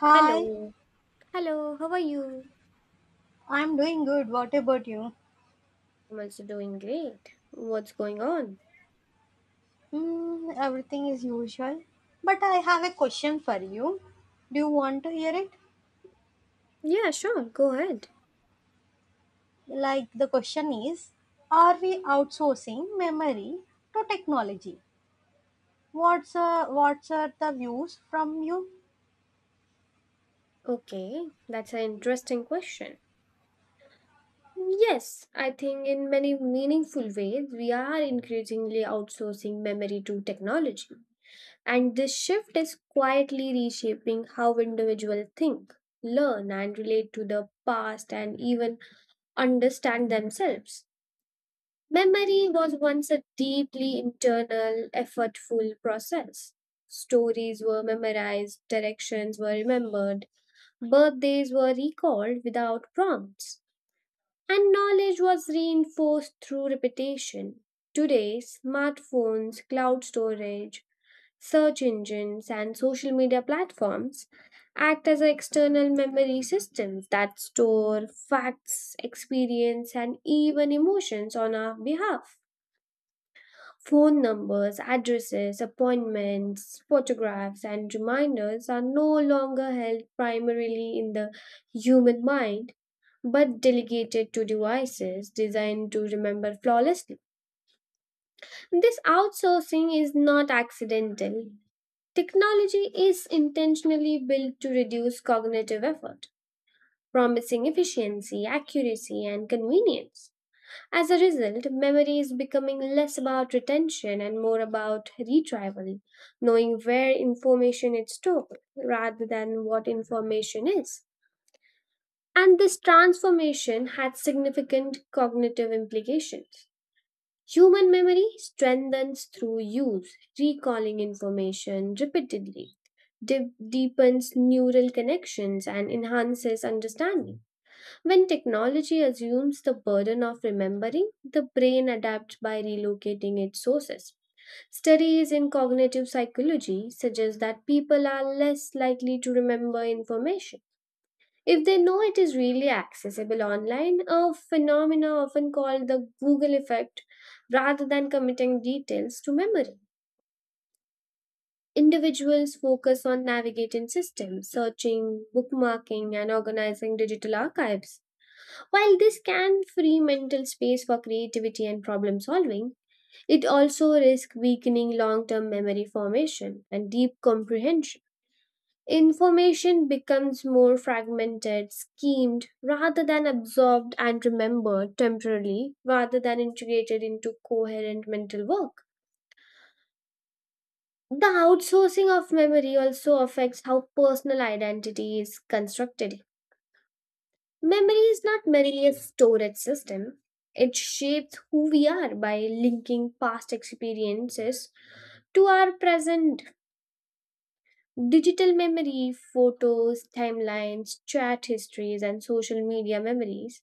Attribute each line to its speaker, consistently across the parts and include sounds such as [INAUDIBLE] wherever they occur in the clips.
Speaker 1: Hi,
Speaker 2: Hello. Hello, how are you?
Speaker 1: I'm doing good. What about you?
Speaker 2: I'm also doing great. What's going on?
Speaker 1: Everything is usual. But I have a question for you. Do you want to hear it?
Speaker 2: Yeah, sure, go ahead.
Speaker 1: The question is, are we outsourcing memory to technology? What's are the views from you?
Speaker 2: Okay, that's an interesting question. Yes, I think in many meaningful ways, we are increasingly outsourcing memory to technology. And this shift is quietly reshaping how individuals think, learn, and relate to the past and even understand themselves. Memory was once a deeply internal, effortful process. Stories were memorized, directions were remembered, birthdays were recalled without prompts, and knowledge was reinforced through repetition. Today, smartphones, cloud storage, search engines, and social media platforms act as external memory systems that store facts, experience, and even emotions on our behalf. Phone numbers, addresses, appointments, photographs, and reminders are no longer held primarily in the human mind but delegated to devices designed to remember flawlessly. This outsourcing is not accidental. Technology is intentionally built to reduce cognitive effort, promising efficiency, accuracy, and convenience. As a result, memory is becoming less about retention and more about retrieval, knowing where information is stored rather than what information is. And this transformation had significant cognitive implications. Human memory strengthens through use, recalling information repeatedly, deepens neural connections, and enhances understanding. When technology assumes the burden of remembering, the brain adapts by relocating its sources. Studies in cognitive psychology suggest that people are less likely to remember information if they know it is really accessible online, a phenomena often called the Google effect, rather than committing details to memory. Individuals focus on navigating systems, searching, bookmarking, and organizing digital archives. While this can free mental space for creativity and problem solving, it also risks weakening long term memory formation and deep comprehension. Information becomes more fragmented, schemed, rather than absorbed and remembered temporarily, rather than integrated into coherent mental work. The outsourcing of memory also affects how personal identity is constructed. Memory is not merely a storage system. It shapes who we are by linking past experiences to our present. Digital memory, photos, timelines, chat histories, and social media memories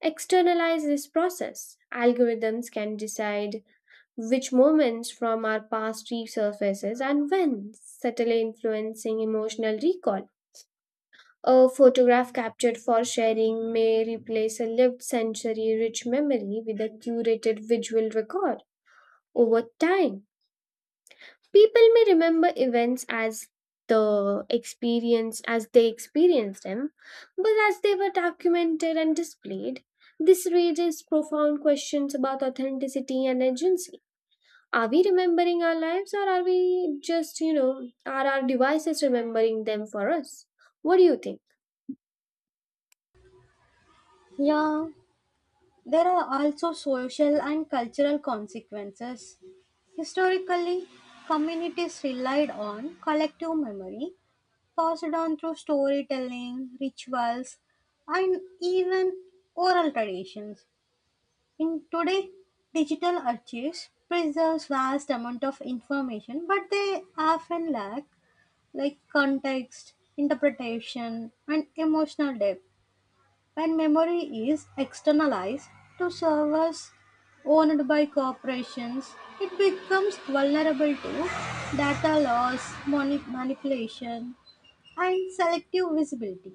Speaker 2: externalize this process. Algorithms can decide which moments from our past resurfaces and when, subtly influencing emotional recall. A photograph captured for sharing may replace a lived sensory rich memory with a curated visual record over time. People may remember events as the experience as they experienced them, but as they were documented and displayed, this raises profound questions about authenticity and agency. Are we remembering our lives, or are we just, are our devices remembering them for us? What do you think?
Speaker 1: Yeah, there are also social and cultural consequences. Historically, communities relied on collective memory passed on through storytelling, rituals, and even oral traditions. In today, digital archives preserves vast amount of information, but they often lack context, interpretation, and emotional depth. When memory is externalized to servers owned by corporations, it becomes vulnerable to data loss, manipulation, and selective visibility.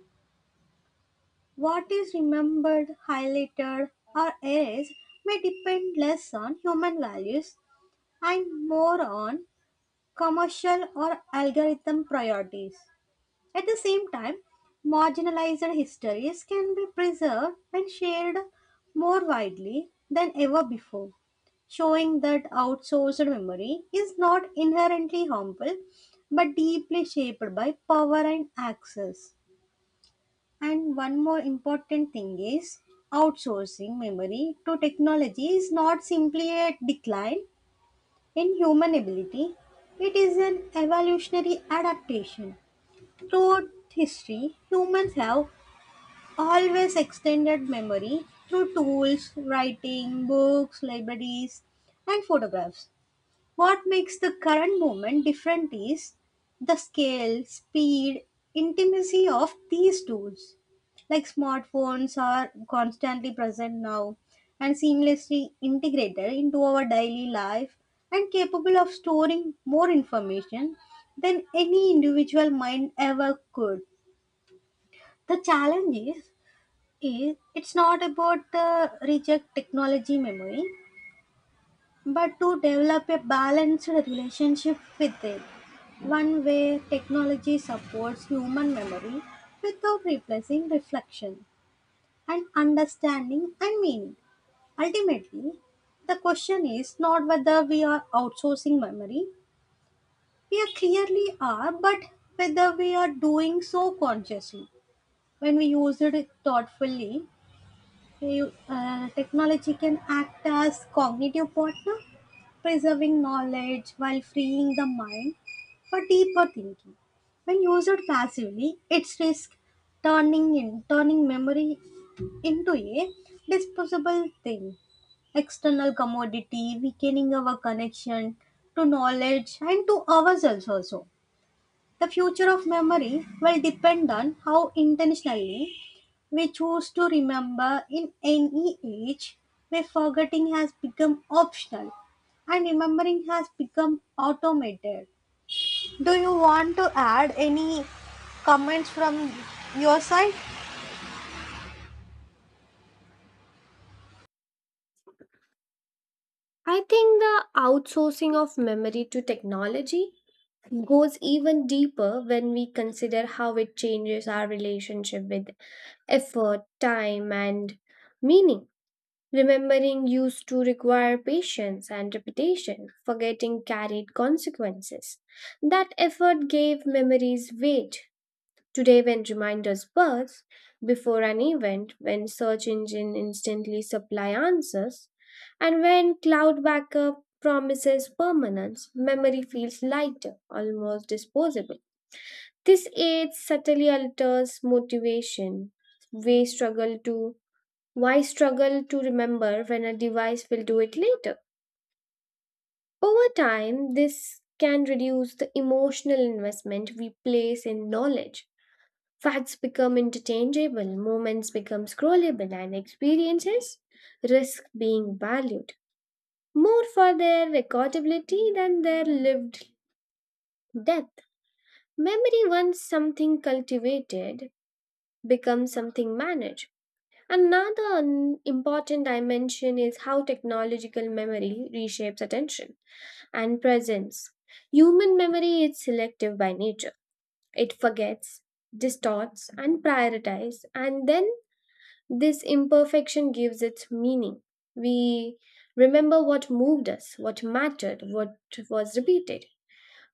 Speaker 1: What is remembered, highlighted, or erased may depend less on human values and more on commercial or algorithm priorities. At the same time, marginalized histories can be preserved and shared more widely than ever before, showing that outsourced memory is not inherently harmful but deeply shaped by power and access. And one more important thing is, outsourcing memory to technology is not simply a decline in human ability, it is an evolutionary adaptation. Throughout history, humans have always extended memory through tools, writing, books, libraries, and photographs. What makes the current moment different is the scale, speed, intimacy of these tools. Like, smartphones are constantly present now and seamlessly integrated into our daily life and capable of storing more information than any individual mind ever could. The challenge is, it's not about the reject technology memory but to develop a balanced relationship with it, one where technology supports human memory without replacing reflection and understanding and meaning. Ultimately, the question is not whether we are outsourcing memory, we are clearly are, but whether we are doing so consciously. When we use it thoughtfully, technology can act as cognitive partner preserving knowledge while freeing the mind for deeper thinking. When used passively, it's risk turning memory into a disposable thing, external commodity, weakening our connection to knowledge and to ourselves also. The future of memory will depend on how intentionally may choose to remember in any age where forgetting has become optional and remembering has become automated. Do you want to add any comments from your side?
Speaker 2: I think the outsourcing of memory to technology goes even deeper when we consider how it changes our relationship with effort, time, and meaning. Remembering used to require patience and repetition, forgetting carried consequences. That effort gave memories weight. Today, when reminders burst before an event, when search engine instantly supply answers, and when cloud backup promises permanence, memory feels lighter, almost disposable. This age subtly alters motivation. We struggle to Why struggle to remember when a device will do it later? Over time, this can reduce the emotional investment we place in knowledge. Facts become interchangeable, moments become scrollable, and experiences risk being valued more for their recordability than their lived depth. Memory, once something cultivated, becomes something managed. Another important dimension is how technological memory reshapes attention and presence. Human memory is selective by nature, it forgets, distorts, and prioritizes, and then this imperfection gives its meaning. We remember what moved us, what mattered, what was repeated.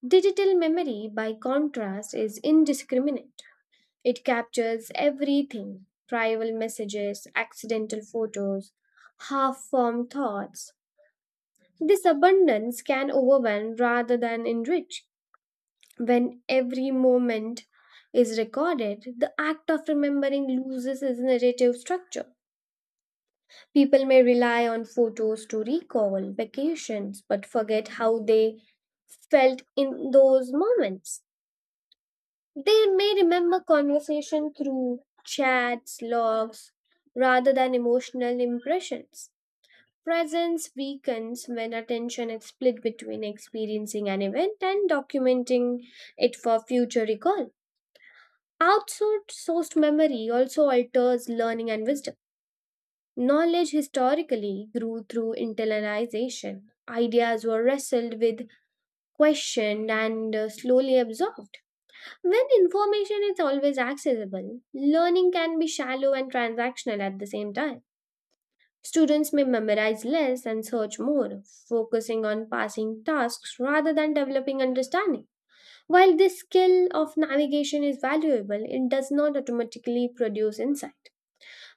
Speaker 2: Digital memory, by contrast, is indiscriminate. It captures everything trivial messages, accidental photos, half formed thoughts. This abundance can overwhelm rather than enrich. When every moment is recorded, the act of remembering loses its narrative structure. People may rely on photos to recall vacations but forget how they felt in those moments. They may remember conversation through chats, logs, rather than emotional impressions. Presence weakens when attention is split between experiencing an event and documenting it for future recall. Outsourced Sourced memory also alters learning and wisdom. Knowledge historically grew through internalization. Ideas were wrestled with, questioned, and slowly absorbed. When information is always accessible, learning can be shallow and transactional at the same time. Students may memorize less and search more, focusing on passing tasks rather than developing understanding. While this skill of navigation is valuable, it does not automatically produce insight.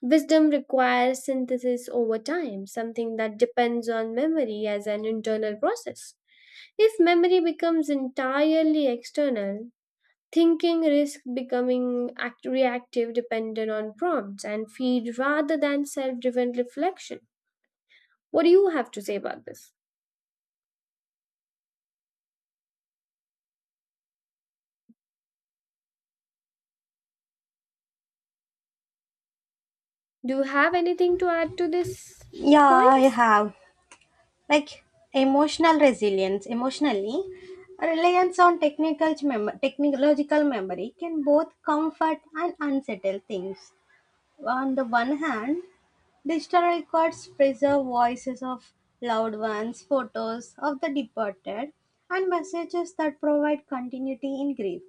Speaker 2: Wisdom requires synthesis over time, something that depends on memory as an internal process. If memory becomes entirely external, thinking risks becoming reactive dependent on prompts and feed rather than self driven reflection. What do you have to say about this? Do you have anything to add to this
Speaker 1: Yeah, I
Speaker 2: points?
Speaker 1: have. Like, emotional resilience, emotionally, reliance on technological memory can both comfort and unsettle things. On the one hand, digital records preserve voices of loved ones, photos of the departed, and messages that provide continuity in grief.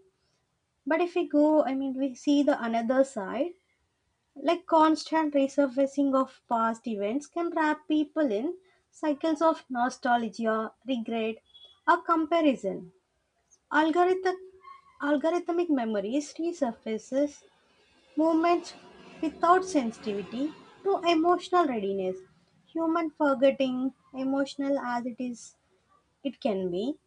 Speaker 1: But if we go, I mean, we see the another side, like constant resurfacing of past events can wrap people in cycles of nostalgia, regret, or comparison. Algorithmic algorithmic memories resurfaces movements without sensitivity to emotional readiness. Human forgetting, emotional as it is, it can be,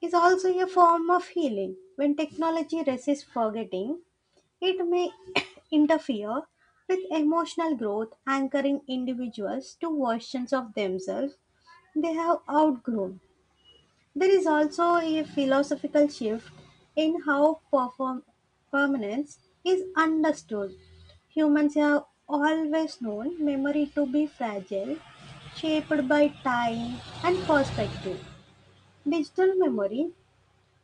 Speaker 1: is also a form of healing. When technology resists forgetting, it may [COUGHS] interfere with emotional growth, anchoring individuals to versions of themselves they have outgrown. There is also a philosophical shift in how permanence is understood. Humans have always known memory to be fragile, shaped by time and perspective. Digital memory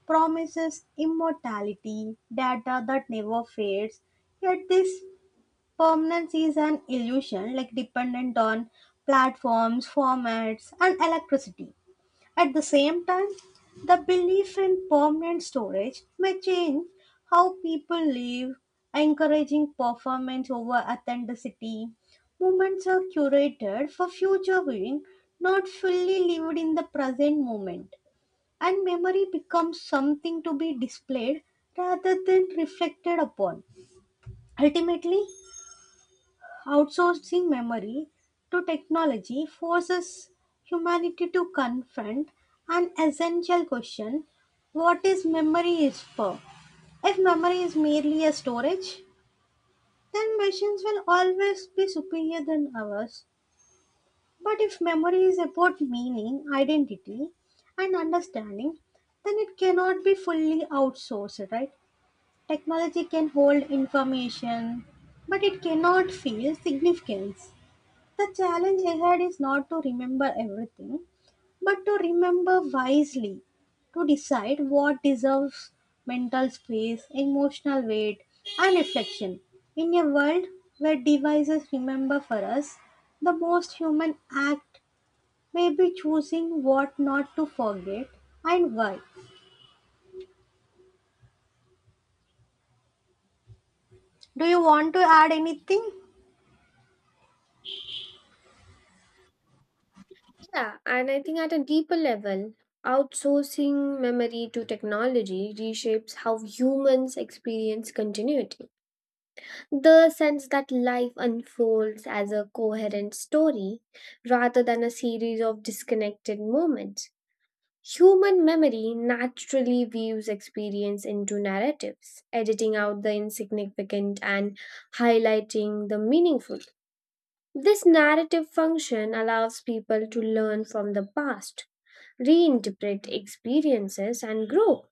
Speaker 1: promises immortality, data that never fades, yet this permanence is an illusion like dependent on platforms, formats, and electricity. At the same time, the belief in permanent storage may change how people live, encouraging performance over authenticity. Moments are curated for future viewing, not fully lived in the present moment, and memory becomes something to be displayed rather than reflected upon. Ultimately, outsourcing memory to technology forces humanity to confront an essential question: what is memory is for? If memory is merely a storage, then machines will always be superior than ours. But if memory is about meaning, identity, and understanding, then it cannot be fully outsourced, right? Technology can hold information, but it cannot feel significance. The challenge ahead is not to remember everything, but to remember wisely, to decide what deserves mental space, emotional weight, and reflection. In a world where devices remember for us, the most human act may be choosing what not to forget and why. Do you want to add anything?
Speaker 2: Yeah, and I think at a deeper level, outsourcing memory to technology reshapes how humans experience continuity. The sense that life unfolds as a coherent story rather than a series of disconnected moments. Human memory naturally weaves experience into narratives, editing out the insignificant and highlighting the meaningful. This narrative function allows people to learn from the past, reinterpret experiences, and grow.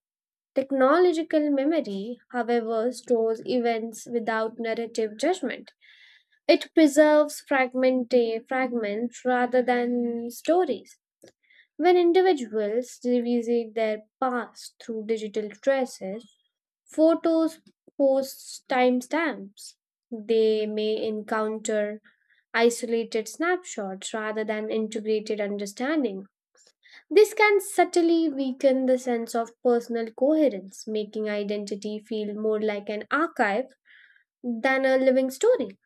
Speaker 2: Technological memory, however, stores events without narrative judgment. It preserves fragments rather than stories. When individuals revisit their past through digital traces, photos, posts, timestamps, they may encounter isolated snapshots rather than integrated understanding. This can subtly weaken the sense of personal coherence, making identity feel more like an archive than a living story.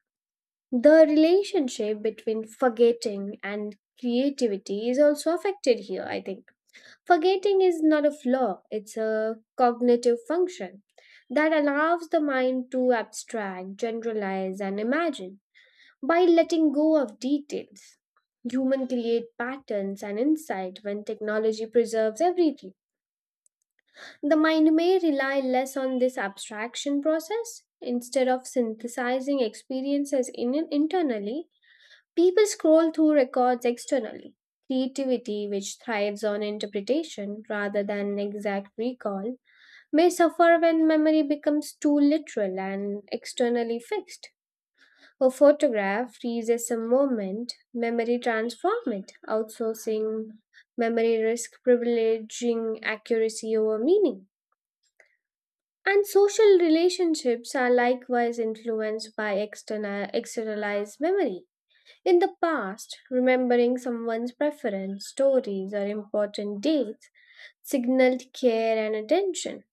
Speaker 2: The relationship between forgetting and creativity is also affected here, I think. Forgetting is not a flaw, it's a cognitive function that allows the mind to abstract, generalize, and imagine by letting go of details. Human create patterns and insight when technology preserves everything. The mind may rely less on this abstraction process. Instead of synthesizing experiences internally, people scroll through records externally. Creativity, which thrives on interpretation rather than exact recall, may suffer when memory becomes too literal and externally fixed. A photograph freezes a moment, memory transforms it, outsourcing memory risk, privileging accuracy over meaning. And social relationships are likewise influenced by externalized memory. In the past, remembering someone's preference, stories, or important dates signaled care and attention.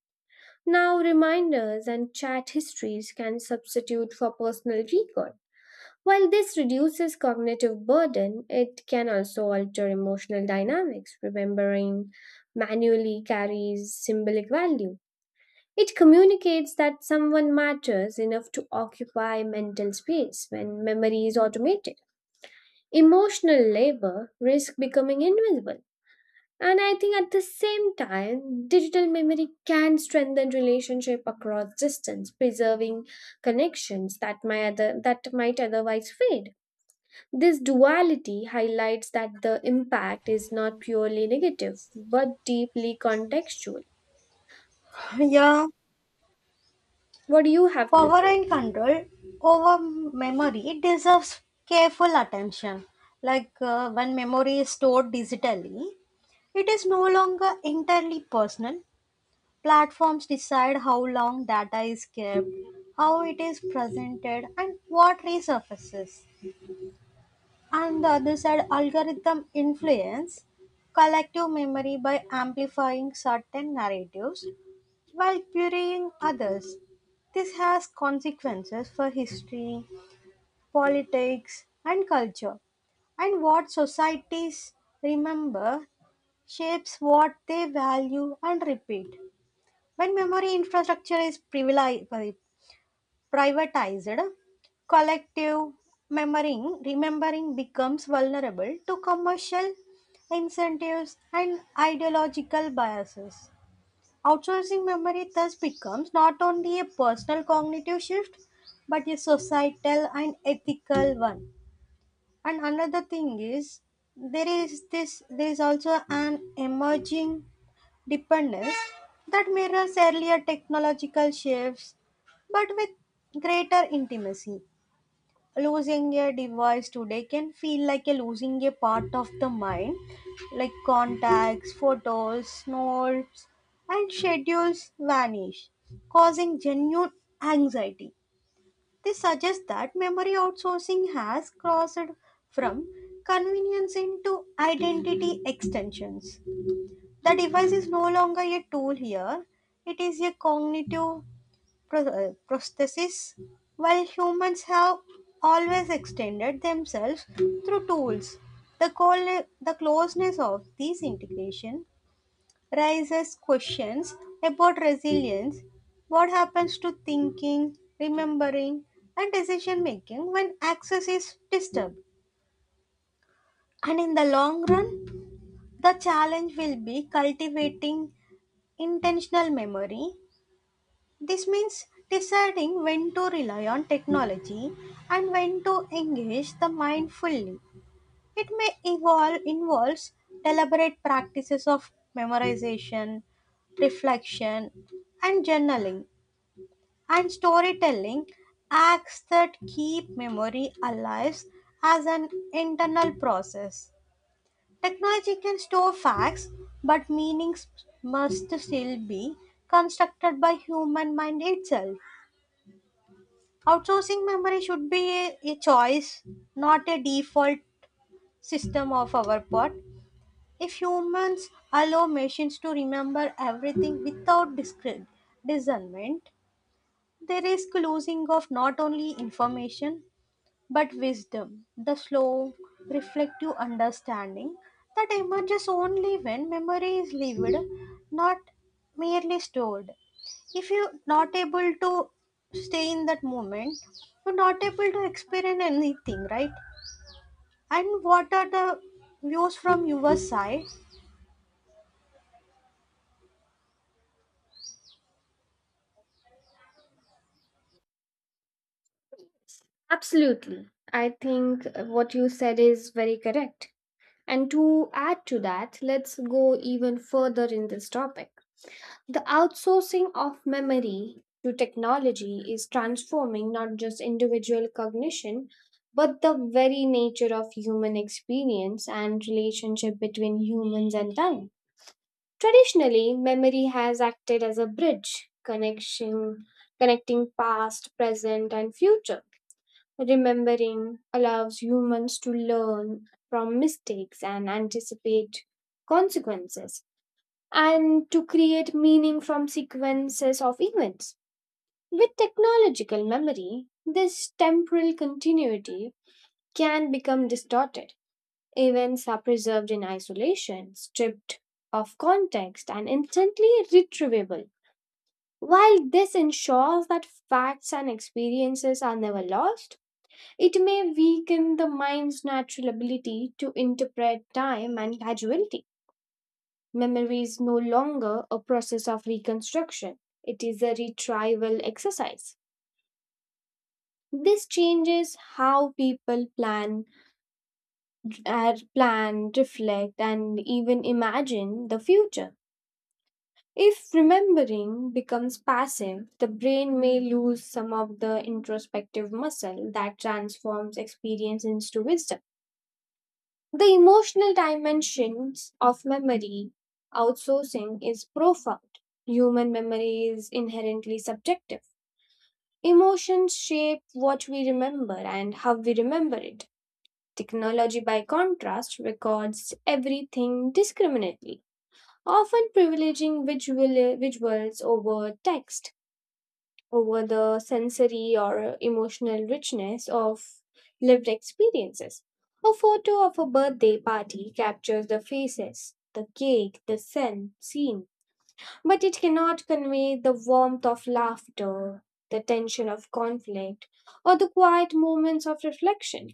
Speaker 2: Now, reminders and chat histories can substitute for personal recall. While this reduces cognitive burden, it can also alter emotional dynamics. Remembering manually carries symbolic value, it communicates that someone matters enough to occupy mental space when memory is automated. Emotional labor risks becoming invisible. And I think at the same time, digital memory can strengthen relationship across distance, preserving connections that that might otherwise fade. This duality highlights that the impact is not purely negative, but deeply contextual.
Speaker 1: [LAUGHS] Yeah.
Speaker 2: What do you have to
Speaker 1: Power
Speaker 2: say?
Speaker 1: and control over memory deserves careful attention. When memory is stored digitally, it is no longer entirely personal. Platforms decide how long data is kept, how it is presented, and what resurfaces. On the other side, algorithm influence collective memory by amplifying certain narratives while burying others, this has consequences for history, politics, and culture. And what societies remember shapes what they value and repeat. When memory infrastructure is privatized, collective remembering becomes vulnerable to commercial incentives and ideological biases. Outsourcing memory thus becomes not only a personal cognitive shift but a societal and ethical one. And another thing is, there is also an emerging dependence that mirrors earlier technological shifts but with greater intimacy. Losing a device today can feel like a losing a part of the mind, like contacts, photos, notes, and schedules vanish, causing genuine anxiety. This suggests that memory outsourcing has crossed from convenience into identity extensions. The device is no longer a tool here, it is a cognitive prosthesis, while humans have always extended themselves through tools. The closeness of these integration raises questions about resilience. What happens to thinking, remembering, and decision making when access is disturbed? And in the long run, the challenge will be cultivating intentional memory. This means deciding when to rely on technology and when to engage the mind fully. It may evolve involves deliberate practices of memorization, reflection, and journaling, and storytelling, acts that keep memory alive as an internal process. Technology can store facts, but meanings must still be constructed by human mind itself. Outsourcing memory should be a choice, not a default system of our part. If humans allow machines to remember everything without discernment, there is losing of not only information but wisdom, the slow, reflective understanding that emerges only when memory is lived, not merely stored. If you're not able to stay in that moment, you're not able to experience anything, right? And what are the views from your side?
Speaker 2: Absolutely. I think what you said is very correct. And to add to that, let's go even further in this topic. The outsourcing of memory to technology is transforming not just individual cognition, but the very nature of human experience and relationship between humans and time. Traditionally, memory has acted as a bridge connection connecting past, present, and future. Remembering allows humans to learn from mistakes and anticipate consequences and to create meaning from sequences of events. With technological memory, this temporal continuity can become distorted. Events are preserved in isolation, stripped of context, and instantly retrievable, while this ensures that facts and experiences are never lost, it may weaken the mind's natural ability to interpret time and causality. Memory is no longer a process of reconstruction, it is a retrieval exercise. This changes how people plan, reflect, and even imagine the future. If remembering becomes passive, the brain may lose some of the introspective muscle that transforms experience into wisdom. The emotional dimensions of memory outsourcing is profound. Human memory is inherently subjective. Emotions shape what we remember and how we remember it. Technology, by contrast, records everything discriminately, often privileging visuals over text over the sensory or emotional richness of lived experiences. A photo of a birthday party captures the faces, the cake, the scene, but it cannot convey the warmth of laughter, the tension of conflict, or the quiet moments of reflection.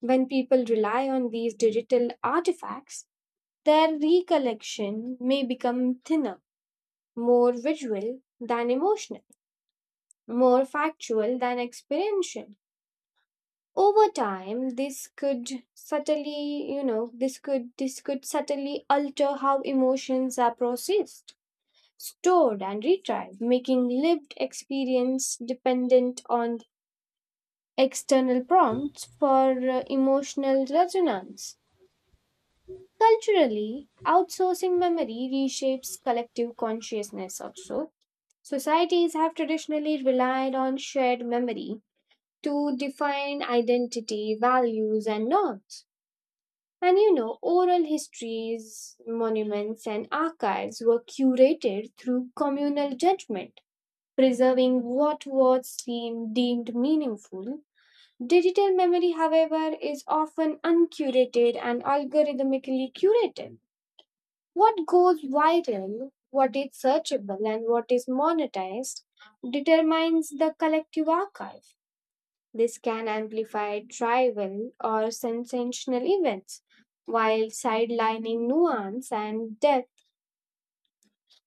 Speaker 2: When people rely on these digital artifacts, their recollection may become thinner, more visual than emotional, more factual than experiential. Over time this could subtly you know this could subtly alter how emotions are processed, stored, and retrieved, making lived experience dependent on external prompts for emotional resonance. Culturally, outsourcing memory reshapes collective consciousness also. Societies have traditionally relied on shared memory to define identity, values, and norms. And you know, oral histories, monuments, and archives were curated through communal judgment, preserving what was seen deemed meaningful. Digital memory, however, is often uncurated and algorithmically curated. What goes viral, what is searchable, and what is monetized determines the collective archive. This can amplify trivial or sensational events while sidelining nuance and depth.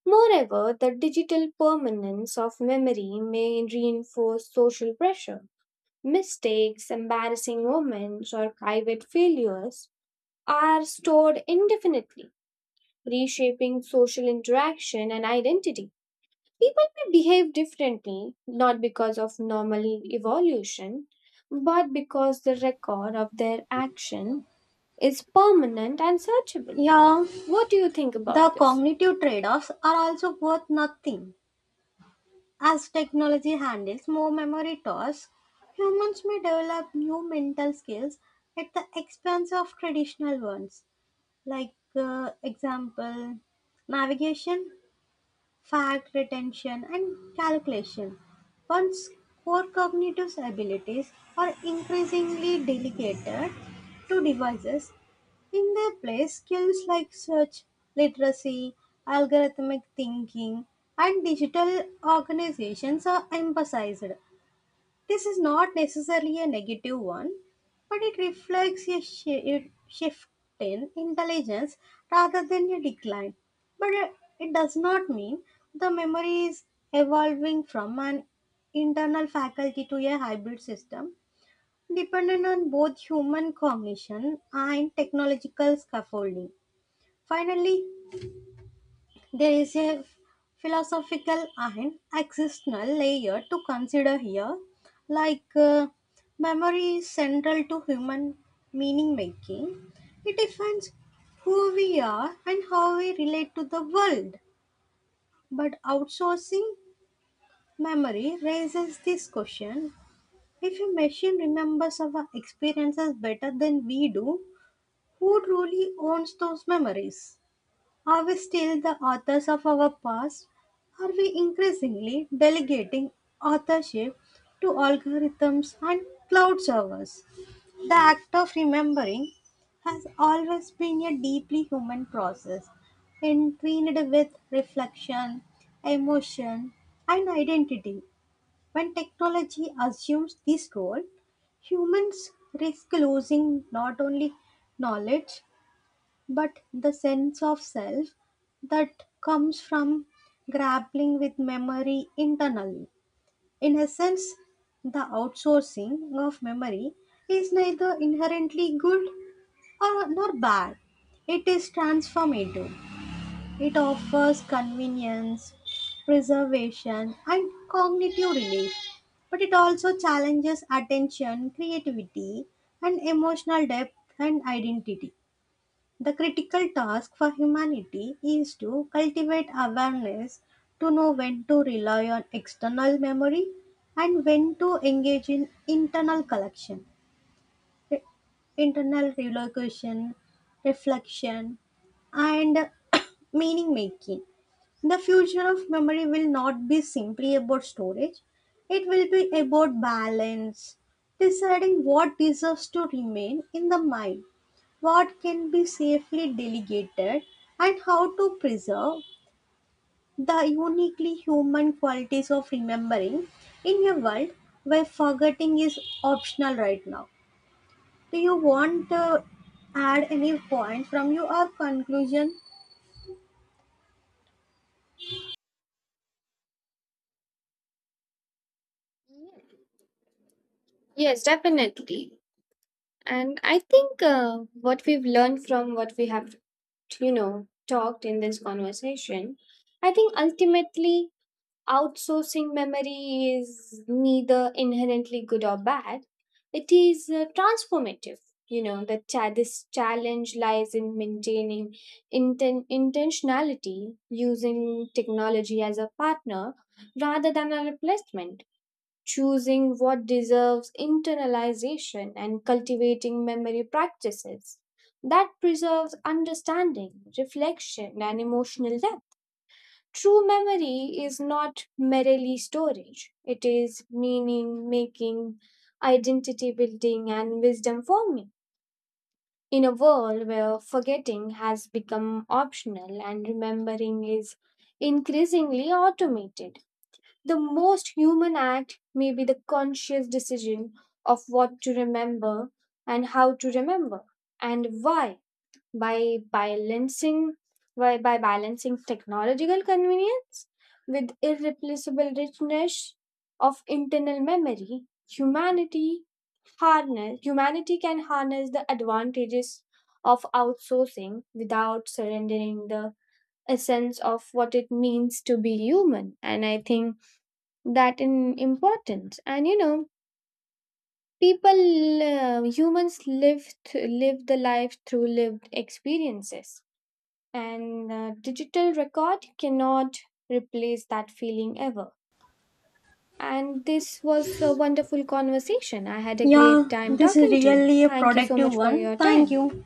Speaker 2: Moreover, the digital permanence of memory may reinforce social pressure. Mistakes, embarrassing moments, or private failures are stored indefinitely, reshaping social interaction and identity. People may behave differently, not because of normal evolution, but because the record of their action is permanent and searchable.
Speaker 1: Yeah,
Speaker 2: What do you think
Speaker 1: the
Speaker 2: about this?
Speaker 1: cognitive trade offs are also worth nothing. As technology handles more memory tasks, humans may develop new mental skills at the expense of traditional ones, like, example, navigation, fact retention, and calculation. Once core cognitive abilities are increasingly delegated to devices, in their place, skills like search literacy, algorithmic thinking, and digital organizations are emphasized. This is not necessarily a negative one, but it reflects a shift in intelligence rather than a decline. But it does not mean the memory is evolving from an internal faculty to a hybrid system dependent on both human cognition and technological scaffolding. Finally, there is a philosophical and existential layer to consider here, like uh, memory is central to human meaning making. It defines who we are and how we relate to the world. But outsourcing memory raises this question: if a machine remembers our experiences better than we do, who truly owns those memories? Are we still the authors of our past? Are we increasingly delegating authorship to algorithms and cloud servers? The act of remembering has always been a deeply human process, entwined with reflection, emotion, and identity. When technology assumes this role, humans risk losing not only knowledge but the sense of self that comes from grappling with memory internally. In essence, the outsourcing of memory is neither inherently good or nor bad. It is transformative. It offers convenience, preservation, and cognitive relief, but it also challenges attention, creativity, and emotional depth and identity. The critical task for humanity is to cultivate awareness to know when to rely on external memory and when to engage in re- internal relocation, reflection, and [COUGHS] meaning making. The future of memory will not be simply about storage, it will be about balance, deciding what deserves to remain in the mind, what can be safely delegated, and how to preserve the uniquely human qualities of remembering in a world where forgetting is optional right now. Do you want to add any point from your conclusion?
Speaker 2: Yes, definitely. And I think what we've learned from what we have, you know, talked in this conversation, I think ultimately outsourcing memory is neither inherently good or bad. It is transformative. You know, this challenge lies in maintaining intentionality, using technology as a partner rather than a replacement, choosing what deserves internalization and cultivating memory practices that preserves understanding, reflection, and emotional depth. True memory is not merely storage, it is meaning making, identity building, and wisdom forming. In a world where forgetting has become optional and remembering is increasingly automated, the most human act may be the conscious decision of what to remember and how to remember and why, by balancing by balancing technological convenience with irreplaceable richness of internal memory, humanity harness humanity can harness the advantages of outsourcing without surrendering the essence of what it means to be human. And I think that in importance, and you know, people humans live th- live the life through lived experiences, and digital record cannot replace that feeling ever. And this was a wonderful conversation. I had a great
Speaker 1: Yeah,
Speaker 2: time
Speaker 1: this is
Speaker 2: talking to you.
Speaker 1: really a
Speaker 2: Thank you so
Speaker 1: productive
Speaker 2: much for
Speaker 1: one.
Speaker 2: your
Speaker 1: Thank
Speaker 2: time.
Speaker 1: you.